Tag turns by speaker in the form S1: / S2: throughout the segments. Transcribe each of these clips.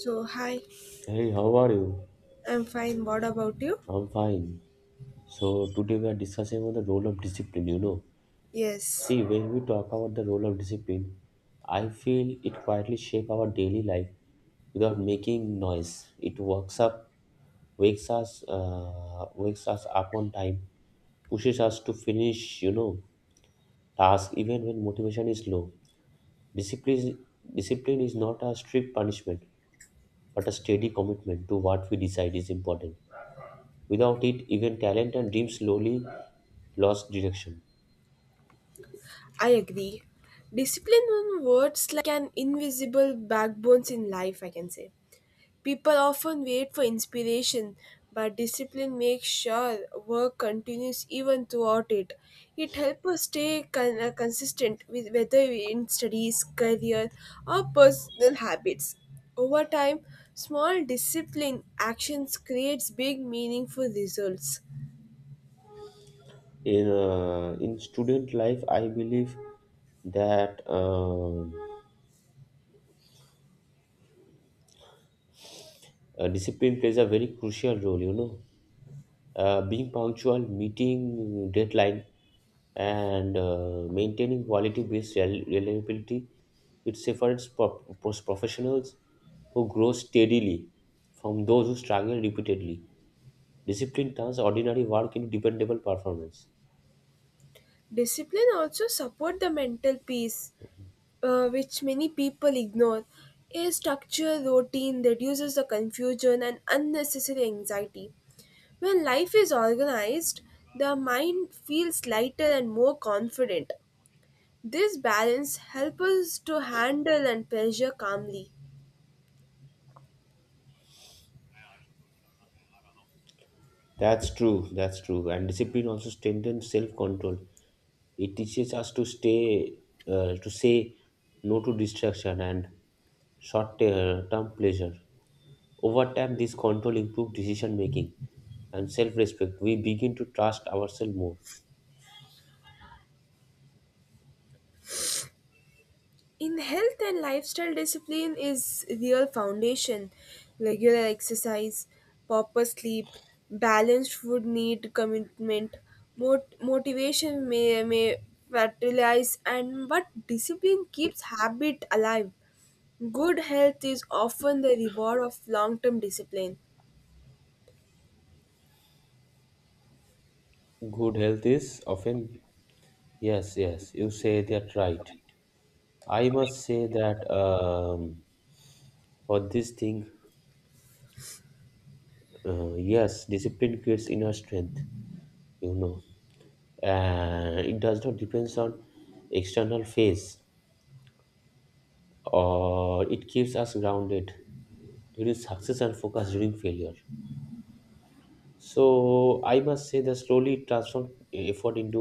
S1: So, hi,
S2: Hey, how are you?
S1: I'm fine. What about you?
S2: I'm fine. So today we are discussing on the role of discipline, you know.
S1: Yes,
S2: See, when we talk about the role of discipline, I feel it quietly shape our daily life without making noise. It wakes up, wakes us up on time, pushes us to finish, task even when motivation is low. Discipline, discipline is not a strict punishment, but a steady commitment to what we decide is important. Without it, even talent and dreams slowly lost direction.
S1: I agree. Discipline on words like an invisible backbones in life, I can say. People often wait for inspiration, but discipline makes sure work continues even throughout it. It helps us stay consistent with whether in studies, career, or personal habits. Over time, small discipline actions creates big meaningful results.
S2: In student life, I believe that discipline plays a very crucial role, you know. Being punctual, meeting deadline, and maintaining quality-based reliability, it separates professionals who grow steadily from those who struggle repeatedly. Discipline turns ordinary work into dependable performance.
S1: Discipline also support the mental peace, which many people ignore. A structured routine reduces the confusion and unnecessary anxiety. When life is organized, the mind feels lighter and more confident. This balance helps us to handle and pressure calmly.
S2: That's true. That's true. And discipline also strengthens self-control. It teaches us to to say no to distraction and short-term pleasure. Over time, this control improves decision making and self-respect. We begin to trust ourselves more.
S1: In health and lifestyle, discipline is real foundation. Regular exercise, proper sleep, balanced food need commitment. Motivation may fertilize and but discipline keeps habit alive. Good health is often the reward of long-term discipline.
S2: Good health is often yes, yes. You say that right. I must say that for this thing, yes, discipline creates inner strength. You know, it does not depends on external phase, or it keeps us grounded during success and focus during failure. So I must say that slowly transform effort into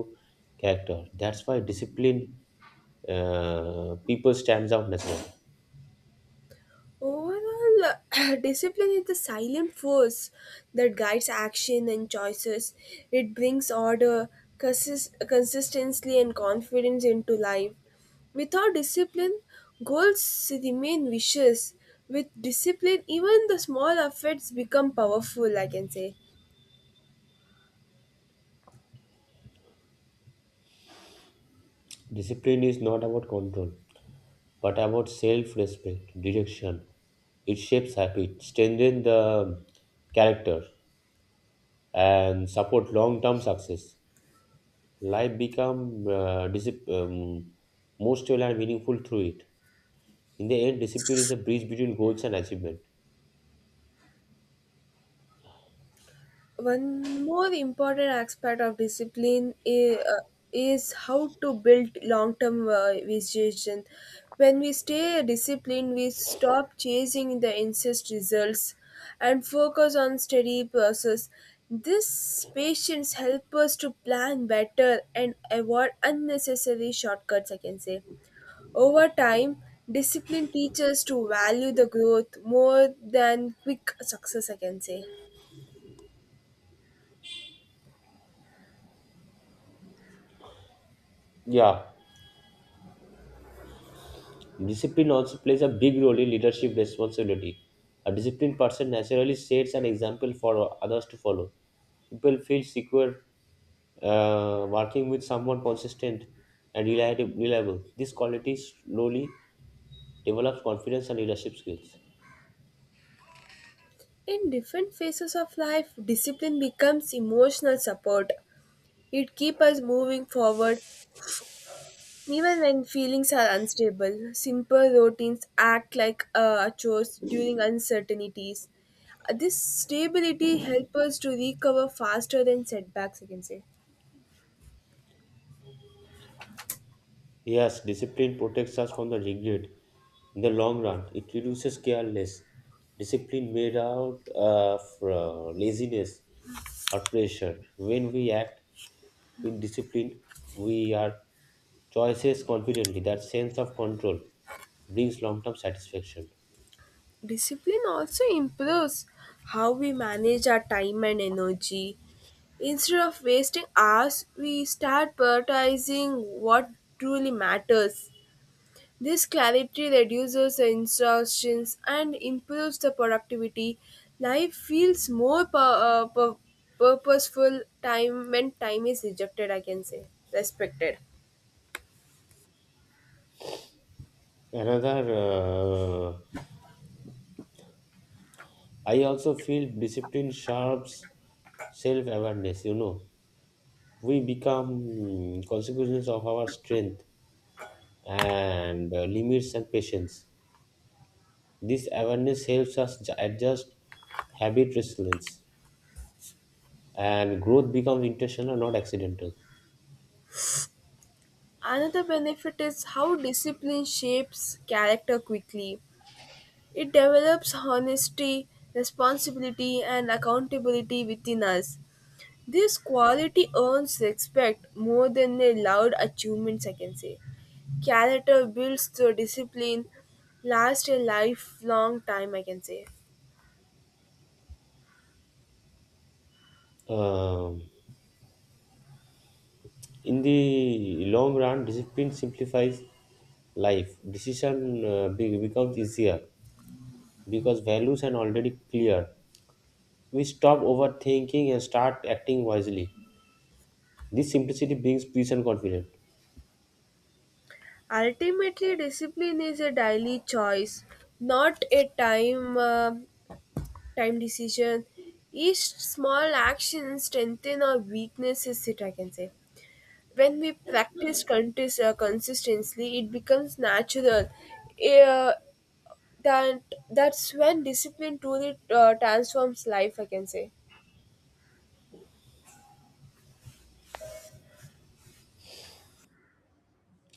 S2: character. That's why discipline, people stands out naturally.
S1: Overall, discipline is the silent force that guides action and choices. It brings order, consistency, and confidence into life. Without discipline, goals remain wishes. With discipline, even the small efforts become powerful, I can say.
S2: Discipline is not about control, but about self-respect direction. It shapes habit, strengthen the character, and support long-term success. Life become more stable and meaningful through it. In the end, discipline is a bridge between goals and achievement.
S1: One more important aspect of discipline is how to build long term vision. When we stay disciplined, we stop chasing the instant results and focus on steady process. This patience helps us to plan better and avoid unnecessary shortcuts, I can say. Over time, discipline teaches to value the growth more than quick success, I can say.
S2: Yeah, discipline also plays a big role in leadership responsibility. A disciplined person naturally sets an example for others to follow. People feel secure, working with someone consistent and reliable. Reliable. This quality slowly develops confidence and leadership skills.
S1: In different phases of life, discipline becomes emotional support. It keeps us moving forward even when feelings are unstable. Simple routines act like chores during uncertainties. This stability helps us to recover faster than setbacks, I can say.
S2: Yes, discipline protects us from the regret. In the long run, it reduces careless. Discipline made out of laziness or pressure. When we act with discipline, we are choices confidently. That sense of control brings long-term satisfaction.
S1: Discipline also improves how we manage our time and energy. Instead of wasting hours, we start prioritizing what truly matters. This clarity reduces the exhaustion and improves the productivity. Life feels more uh, pu- purposeful time when time is rejected, I can say, respected.
S2: Another, uh, I also feel discipline sharps self-awareness. You know, we become consequences of our strength and limits and patience. This awareness helps us adjust habit resilience, and growth becomes intentional, not accidental.
S1: Another benefit is how discipline shapes character quickly. It develops honesty, responsibility, and accountability within us. This quality earns respect more than their loud achievements, I can say. Character builds through discipline, lasts a lifelong time, I can say.
S2: Um, in the long run, discipline simplifies life. Decision becomes easier because values are already clear. We stop overthinking and start acting wisely. This simplicity brings peace and confidence.
S1: Ultimately, discipline is a daily choice, not a time decision. Each small action strengthens or weaknesses it, I can say. When we practice consistently, it becomes natural. Uh, that that's when discipline truly transforms life, I can say.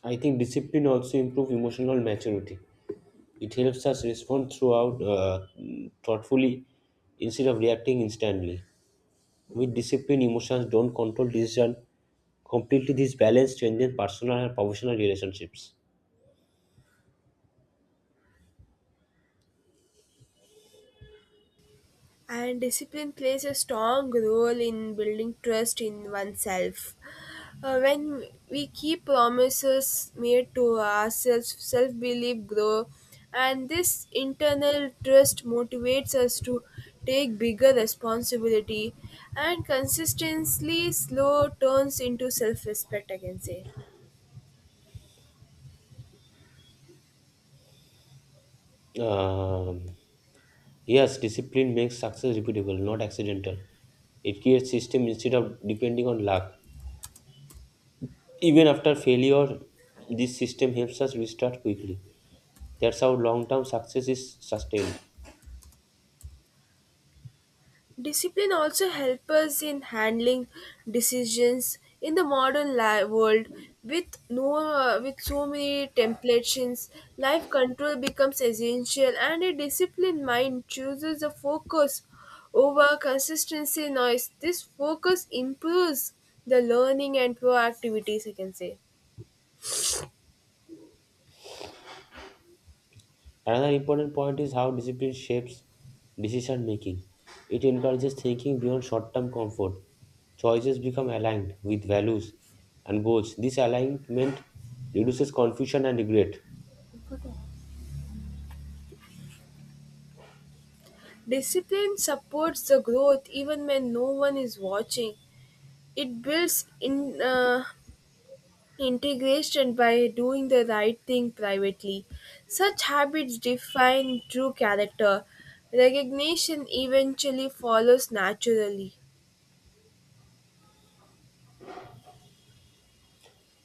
S2: I think discipline also improves emotional maturity. It helps us respond throughout thoughtfully instead of reacting instantly. With discipline, emotions don't control decision completely. This balance strengthens personal and professional relationships.
S1: And discipline plays a strong role in building trust in oneself. When we keep promises made to ourselves, self belief grow, and this internal trust motivates us to take bigger responsibility and consistently slow turns into self respect, I can say.
S2: Um, yes, discipline makes success repeatable, not accidental. It creates system instead of depending on luck. Even after failure, this system helps us restart quickly. That's how long-term success is sustained.
S1: Discipline also helps us in handling decisions in the world with no with so many temptations, life control becomes essential and a disciplined mind chooses a focus over consistency noise. This focus improves the learning and proactivities, I can say.
S2: Another important point is how discipline shapes decision making. It encourages thinking beyond short term comfort. Choices become aligned with values and goals. This alignment reduces confusion and regret.
S1: Discipline supports the growth even when no one is watching. It builds in Integration by doing the right thing privately. Such habits define true character. Recognition eventually follows naturally.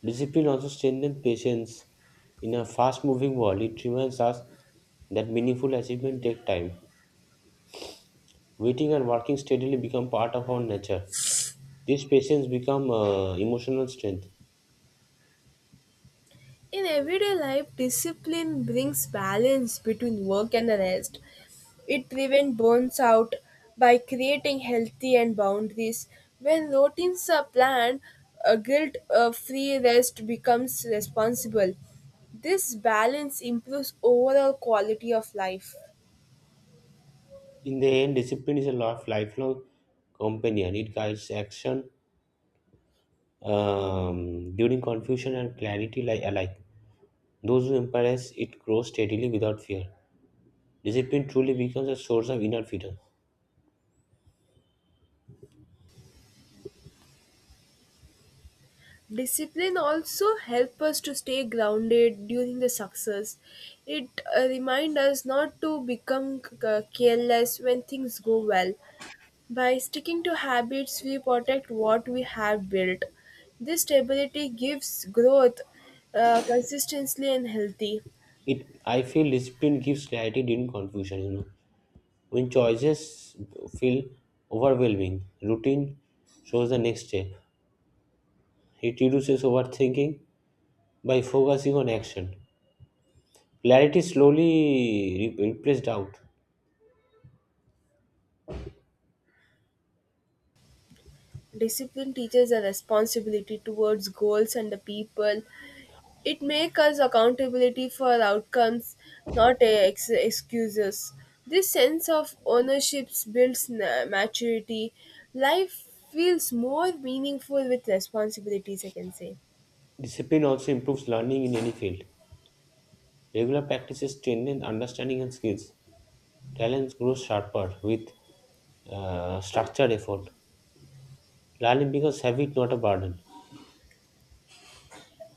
S2: Discipline also strengthens patience. In a fast moving world, it reminds us that meaningful achievement take time. Waiting and working steadily become part of our nature. This patience becomes emotional strength.
S1: In everyday life, discipline brings balance between work and rest. It prevents burns out by creating healthy and boundaries. When routines are planned, a guilt free rest becomes responsible. This balance improves overall quality of life.
S2: In the end, discipline is a lifelong companion. It guides action during confusion and clarity alike. Those who embrace it grow steadily without fear. Discipline truly becomes a source of inner freedom.
S1: Discipline also help us to stay grounded during the success. It remind us not to become careless when things go well. By sticking to habits, we protect what we have built. This stability gives growth consistently and healthy.
S2: It, I feel discipline gives clarity during confusion. You know, when choices feel overwhelming, routine shows the next step. It reduces overthinking by focusing on action. Clarity slowly replaces doubt.
S1: Discipline teaches a responsibility towards goals and the people. It makes us accountability for outcomes, not excuses. This sense of ownership builds maturity. Life feels more meaningful with responsibilities, I can say.
S2: Discipline also improves learning in any field. Regular practices strengthen understanding and skills. Talents grow sharper with structured effort. Learning becomes habit, not a burden.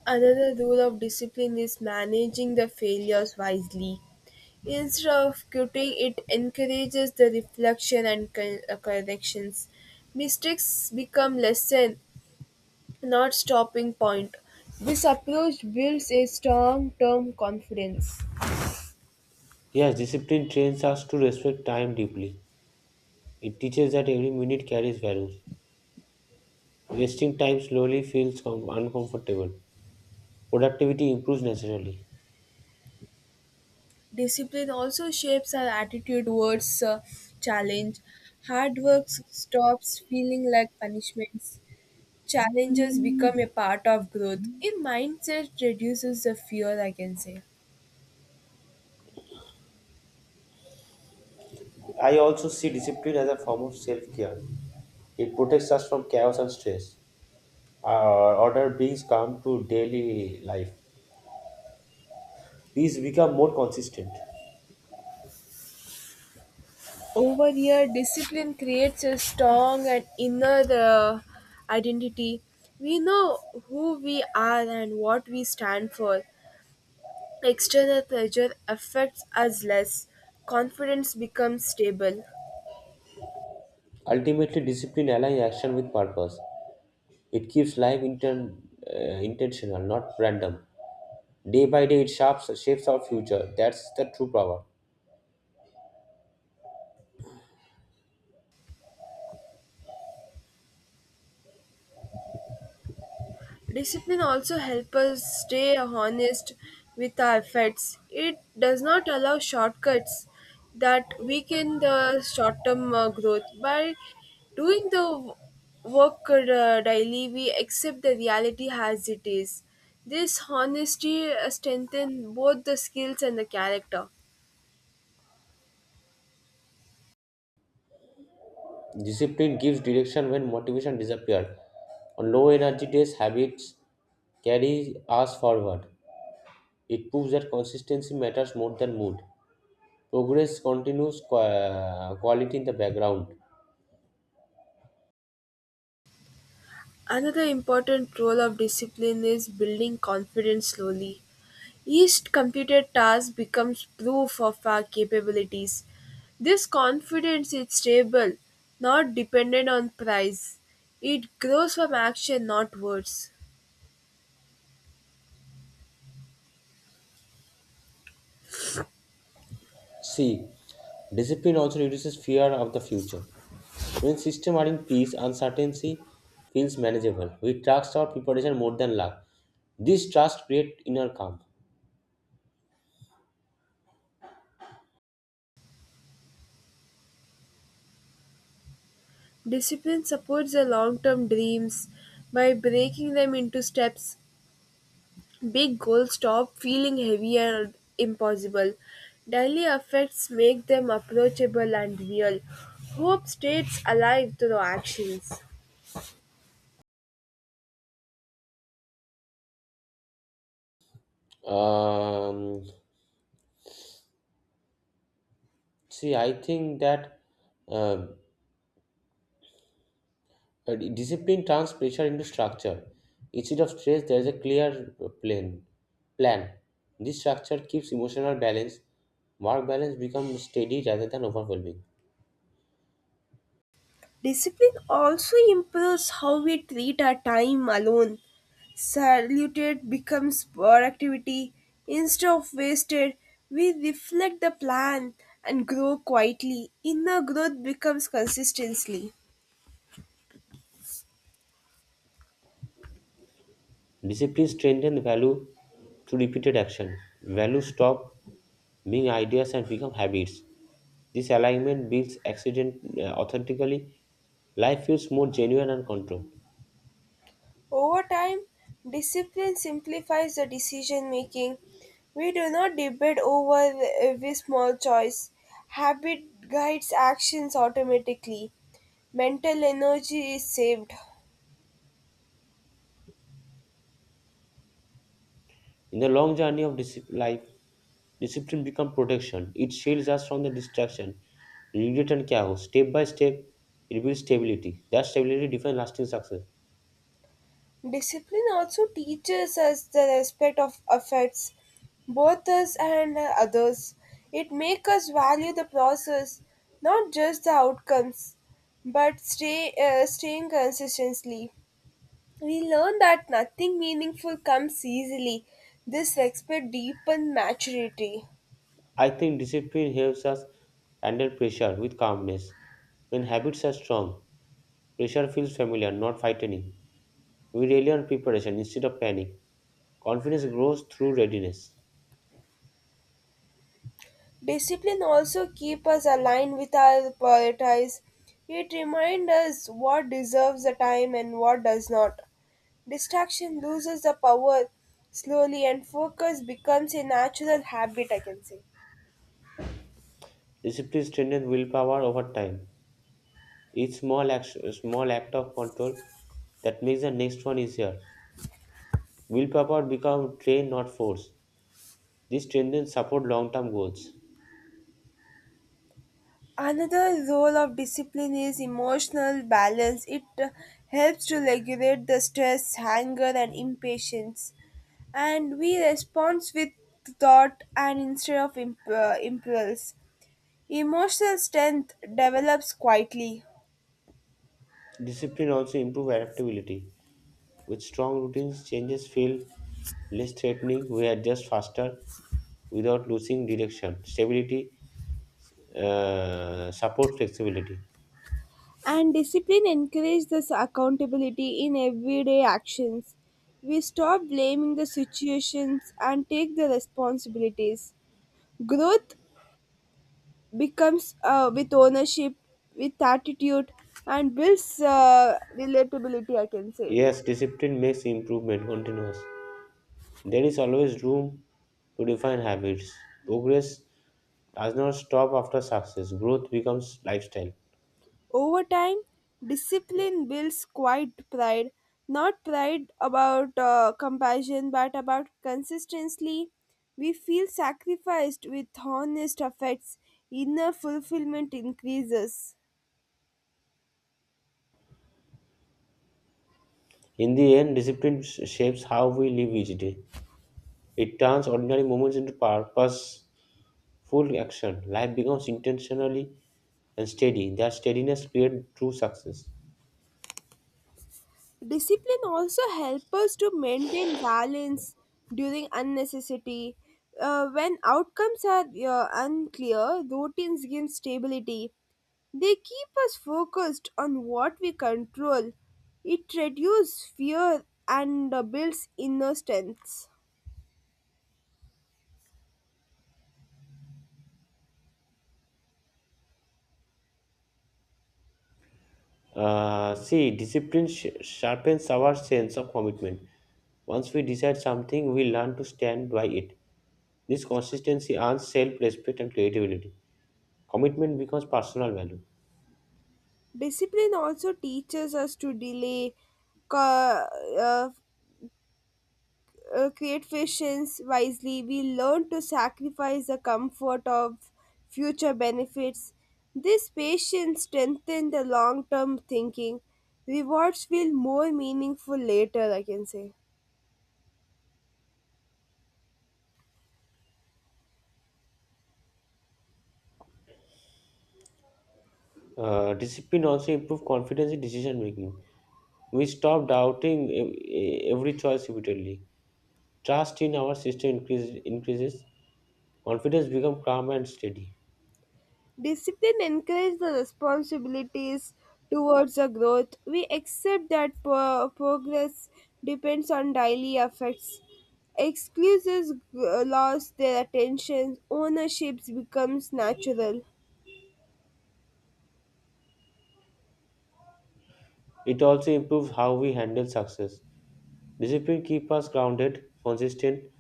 S1: Another rule of discipline is managing the failures wisely. Instead of quitting, it encourages the reflection and corrections. Mistakes become lesson, not stopping point. This approach builds a strong term confidence.
S2: Yes, discipline trains us to respect time deeply. It teaches that every minute carries values. Wasting time slowly feels uncomfortable. Productivity improves naturally.
S1: Discipline also shapes our attitude towards challenge. Hard work stops feeling like punishments. Challenges become a part of growth. A mindset reduces the fear, I can say.
S2: I also see discipline as a form of self care. It protects us from chaos and stress. Order brings calm to daily life. These become more consistent.
S1: Over here, discipline creates a strong and inner identity. We know who we are and what we stand for. External pressure affects us less. Confidence becomes stable.
S2: Ultimately, discipline aligns action with purpose. It keeps life intentional, not random. Day by day, it shapes our future. That's the true power.
S1: Discipline also helps us stay honest with our efforts. It does not allow shortcuts that weaken the short term growth. By doing the w- work daily, we accept the reality as it is. This honesty strengthens both the skills and the character.
S2: Discipline gives direction when motivation disappears. On low energy days, habits carry us forward. It proves that consistency matters more than mood. Progress continues quality in the background.
S1: Another important role of discipline is building confidence slowly. Each completed task becomes proof of our capabilities. This confidence is stable, not dependent on price. It grows from action, not words.
S2: C. Discipline also reduces fear of the future. When systems are in peace, uncertainty feels manageable. We trust our preparation more than luck. This trust creates inner calm.
S1: Discipline supports the long term dreams by breaking them into steps. Big goals stop feeling heavy and impossible. Daily effects make them approachable and real. Hope stays alive through actions.
S2: Um, See, I think that uh, discipline turns pressure into structure. Instead of stress, there is a clear plan. Plan. This structure keeps emotional balance. Work balance becomes steady rather than overwhelming.
S1: Discipline also improves how we treat our time alone. Saluted becomes productivity. Instead of wasted, we reflect the plan and grow quietly. Inner growth becomes consistency.
S2: Discipline strengthens value through repeated action. Values stop being ideas and become habits. This alignment builds accident authentically. Life feels more genuine and controlled.
S1: Over time, discipline simplifies the decision making. We do not debate over every small choice. Habit guides actions automatically. Mental energy is saved.
S2: In the long journey of discipline, life, discipline becomes protection. It shields us from the distraction, regret, and chaos. Step by step, it builds stability. That stability defines lasting success.
S1: Discipline also teaches us the respect of affects, both us and others. It makes us value the process, not just the outcomes, but staying consistently. We learn that nothing meaningful comes easily. This respect deepens maturity.
S2: I think discipline helps us handle pressure with calmness. When habits are strong, pressure feels familiar, not frightening. We rely on preparation instead of panic. Confidence grows through readiness.
S1: Discipline also keeps us aligned with our priorities. It reminds us what deserves the time and what does not. Distraction loses the power slowly and focus becomes a natural habit, I can say.
S2: Discipline strengthens willpower over time. Each small action, small act of control that makes the next one easier. Willpower become train, not force. These strengthens support long-term goals.
S1: Another role of discipline is emotional balance. It helps to regulate the stress, anger, and impatience, and we respond with thought and instead of impulse. Emotional strength develops quietly,
S2: Discipline also improve adaptability. With strong routines, changes feel less threatening. We adjust faster without losing direction. Stability support flexibility.
S1: and discipline encourages this accountability in everyday actions. We stop blaming the situations and take the responsibilities. Growth becomes with ownership, with attitude, and builds relatability, I can say.
S2: Yes, discipline makes improvement continuous. There is always room to define habits. Progress does not stop after success. Growth becomes lifestyle.
S1: Over time, discipline builds quiet pride, not pride about compassion, but about consistency. We feel sacrificed with honest effects, inner fulfillment increases.
S2: In the end, discipline shapes how we live each day. It turns ordinary moments into purposeful action. Life becomes intentionally and steady. That steadiness creates true success.
S1: Discipline also helps us to maintain balance during unnecessity. When outcomes are unclear, routines give stability. They keep us focused on what we control. It reduces fear and builds inner strength.
S2: See, discipline sharpens our sense of commitment. Once we decide something, we learn to stand by it. This consistency earns self-respect and creativity. Commitment becomes personal value.
S1: Discipline also teaches us to delay co- uh, create patience wisely. We learn to sacrifice the comfort of future benefits. This patience strengthens the long term thinking. Rewards feel more meaningful later, I can say.
S2: Discipline also improves confidence in decision making. We stop doubting every choice repeatedly. Trust in our system increases. Confidence becomes calm and steady.
S1: Discipline encourages the responsibilities towards the growth. We accept that progress depends on daily efforts. Excuses lost their attention, ownership becomes natural.
S2: It also improves how we handle success. Discipline keeps us grounded, consistent.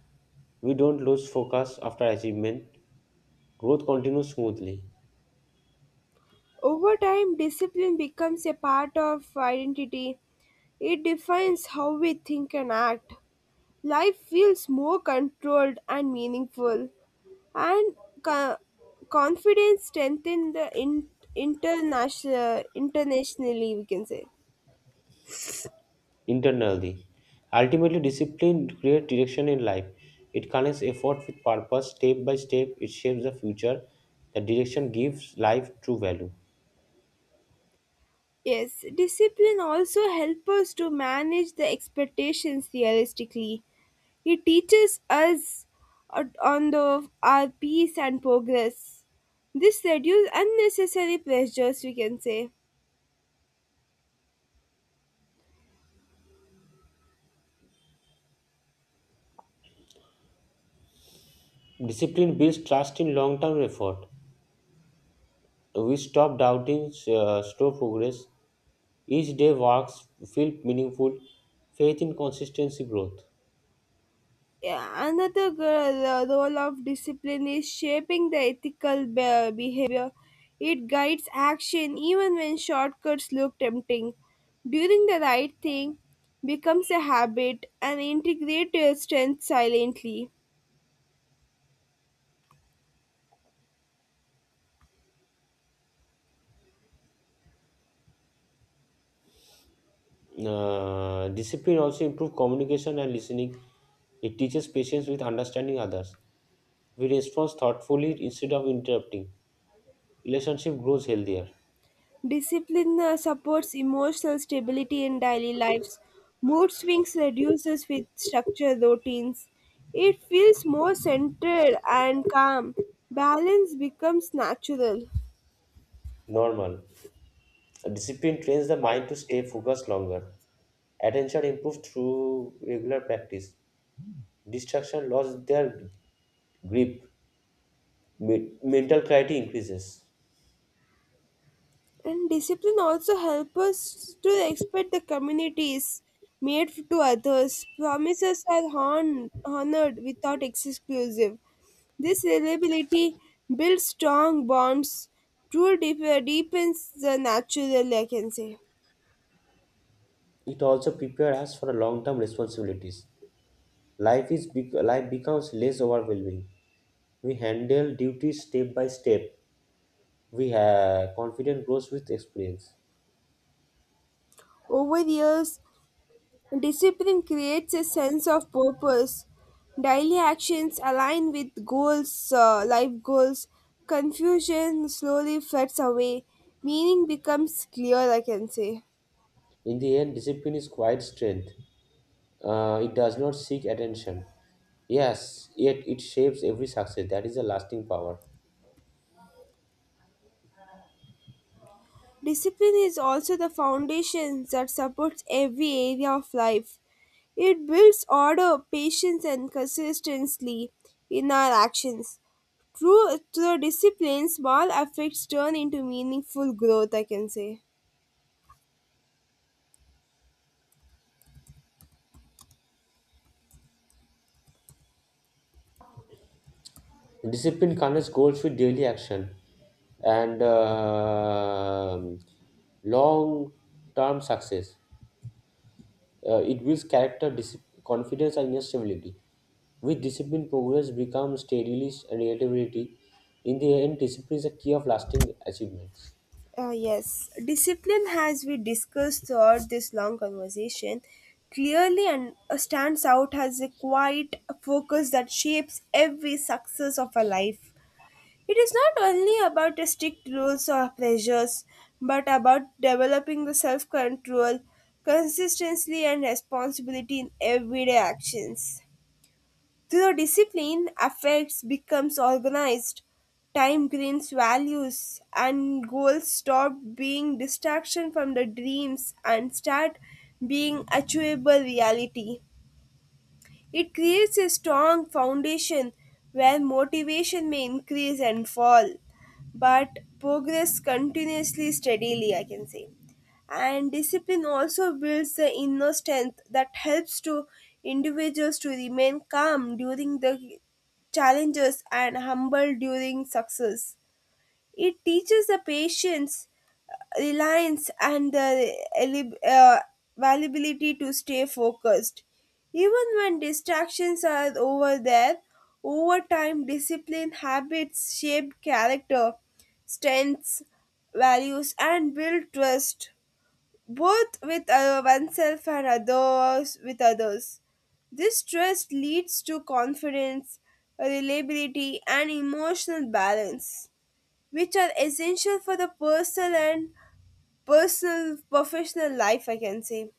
S2: We don't lose focus after achievement. Growth continues smoothly,
S1: Over time, discipline becomes a part of identity. It defines how we think and act. Life feels more controlled and meaningful, and co- confidence strengthens the internationally, we can say.
S2: internally. Ultimately, discipline creates direction in life. It connects effort with purpose. Step by step, it shapes the future. The direction gives life true value.
S1: Yes, discipline also helps us to manage the expectations realistically. He teaches us on the our peace and progress. This reduces unnecessary pressures, we can say.
S2: Discipline builds trust in long term effort. We stop doubting, slow progress. Each day works feel meaningful. Faith in consistency growth.
S1: Yeah, another girl, role of discipline is shaping the ethical behavior. It guides action even when shortcuts look tempting. Doing the right thing becomes a habit and integrates your strength silently.
S2: Discipline also improve communication and listening. It teaches patience with understanding others. We respond thoughtfully instead of interrupting. Relationship grows healthier.
S1: Discipline supports emotional stability in daily lives. Mood swings reduces with structured routines. It feels more centered and calm. Balance becomes natural.
S2: Normal. Discipline trains the mind to stay focused longer. Attention improves through regular practice. Distraction loses their grip. Mental clarity increases.
S1: And discipline also helps us to respect the communities made to others. Promises are honored without exclusive. This reliability builds strong bonds. True deepens the natural, I can say.
S2: It also prepares us for long-term responsibilities. Life becomes less overwhelming. We handle duties step by step. We have confidence grows with experience.
S1: Over the years, discipline creates a sense of purpose. Daily actions align with goals, life goals. Confusion slowly floods away. Meaning becomes clear, I can say.
S2: In the end, discipline is quiet strength. It does not seek attention. Yes, yet it shapes every success. That is a lasting power.
S1: Discipline is also the foundation that supports every area of life. It builds order, patience, and consistency in our actions. Through discipline, small effects turn into meaningful growth, I can say.
S2: Discipline connects goals with daily action, and long-term success. It builds character, confidence, and inner stability. With discipline, progress becomes steadily and relatability. In the end, discipline is a key of lasting achievements.
S1: Yes, discipline, as we discussed throughout this long conversation, clearly and stands out as a quiet focus that shapes every success of a life. It is not only about the strict rules or pressures, but about developing the self control, consistency, and responsibility in everyday actions. Through discipline, affects becomes organized, time gains values, and goals stop being distraction from the dreams and start being achievable reality. It creates a strong foundation where motivation may increase and fall, but progress continuously steadily, I can say. And discipline also builds the inner strength that helps to individuals to remain calm during the challenges and humble during success. It teaches the patience, reliance, and the eli- uh, availability to stay focused. Even when distractions are over there, over time, discipline habits shape character, strengths, values, and build trust, both with oneself and others with others. This trust leads to confidence, reliability, and emotional balance which are essential for the personal and personal professional life, I can say.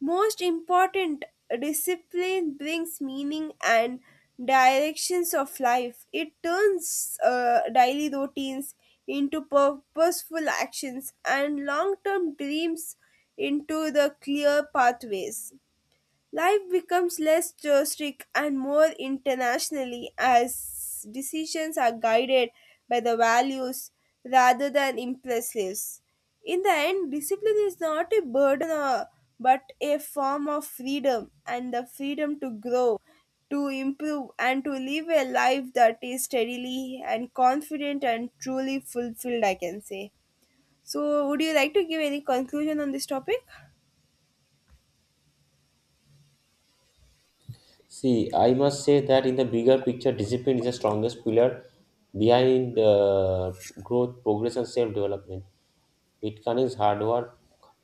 S1: Most important, discipline brings meaning and directions of life. It turns daily routines into purposeful actions and long-term dreams into the clear pathways. Life becomes less domestic and more internationally as decisions are guided by the values rather than impulses. In the end, discipline is not a burden but a form of freedom and the freedom to grow, to improve, and to live a life that is steadily and confident and truly fulfilled, I can say. So, would you like to give any conclusion on this topic?
S2: See, I must say that in the bigger picture, discipline is the strongest pillar behind growth, progress, and self development. It connects hard work,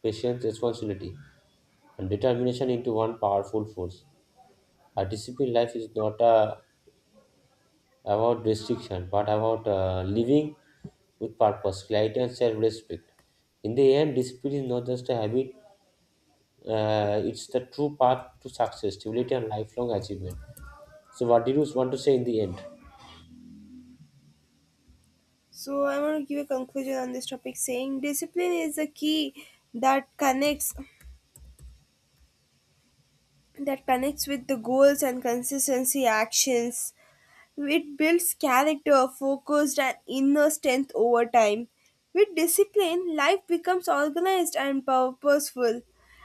S2: patience, responsibility, and determination into one powerful force. A disciplined life is not a about restriction, but about living with purpose, clarity, and self-respect. In the end, discipline is not just a habit; it's the true path to success, stability, and lifelong achievement. So, what did you want to say in the end?
S1: So I want to give a conclusion on this topic saying discipline is a key that connects that connects with the goals and consistency actions. It builds character, focused and inner strength over time. With discipline, life becomes organized and purposeful.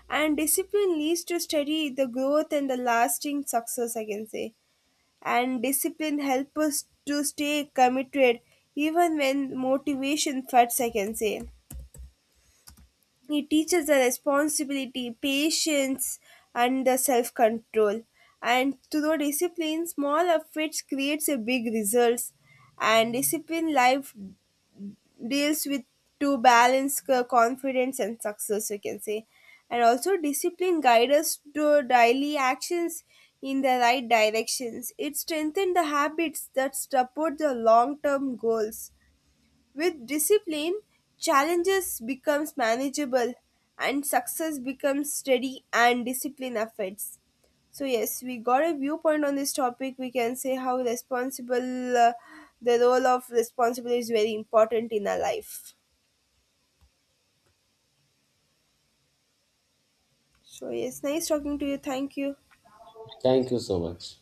S1: And discipline leads to steady the growth and the lasting success, I can say. And discipline helps us to stay committed even when motivation fades, I can say. It teaches the responsibility, patience, and the self control. And through discipline, small efforts creates a big results. And discipline life deals with to balance confidence and success, you can say. And also, discipline guides us to daily actions in the right directions. It strengthens the habits that support the long term goals. With discipline, challenges becomes manageable and success becomes steady and discipline affects. So yes, we got a viewpoint on this topic. We can say how responsible the role of responsibility is very important in our life. So yes, nice talking to you. Thank you.
S2: Thank you so much.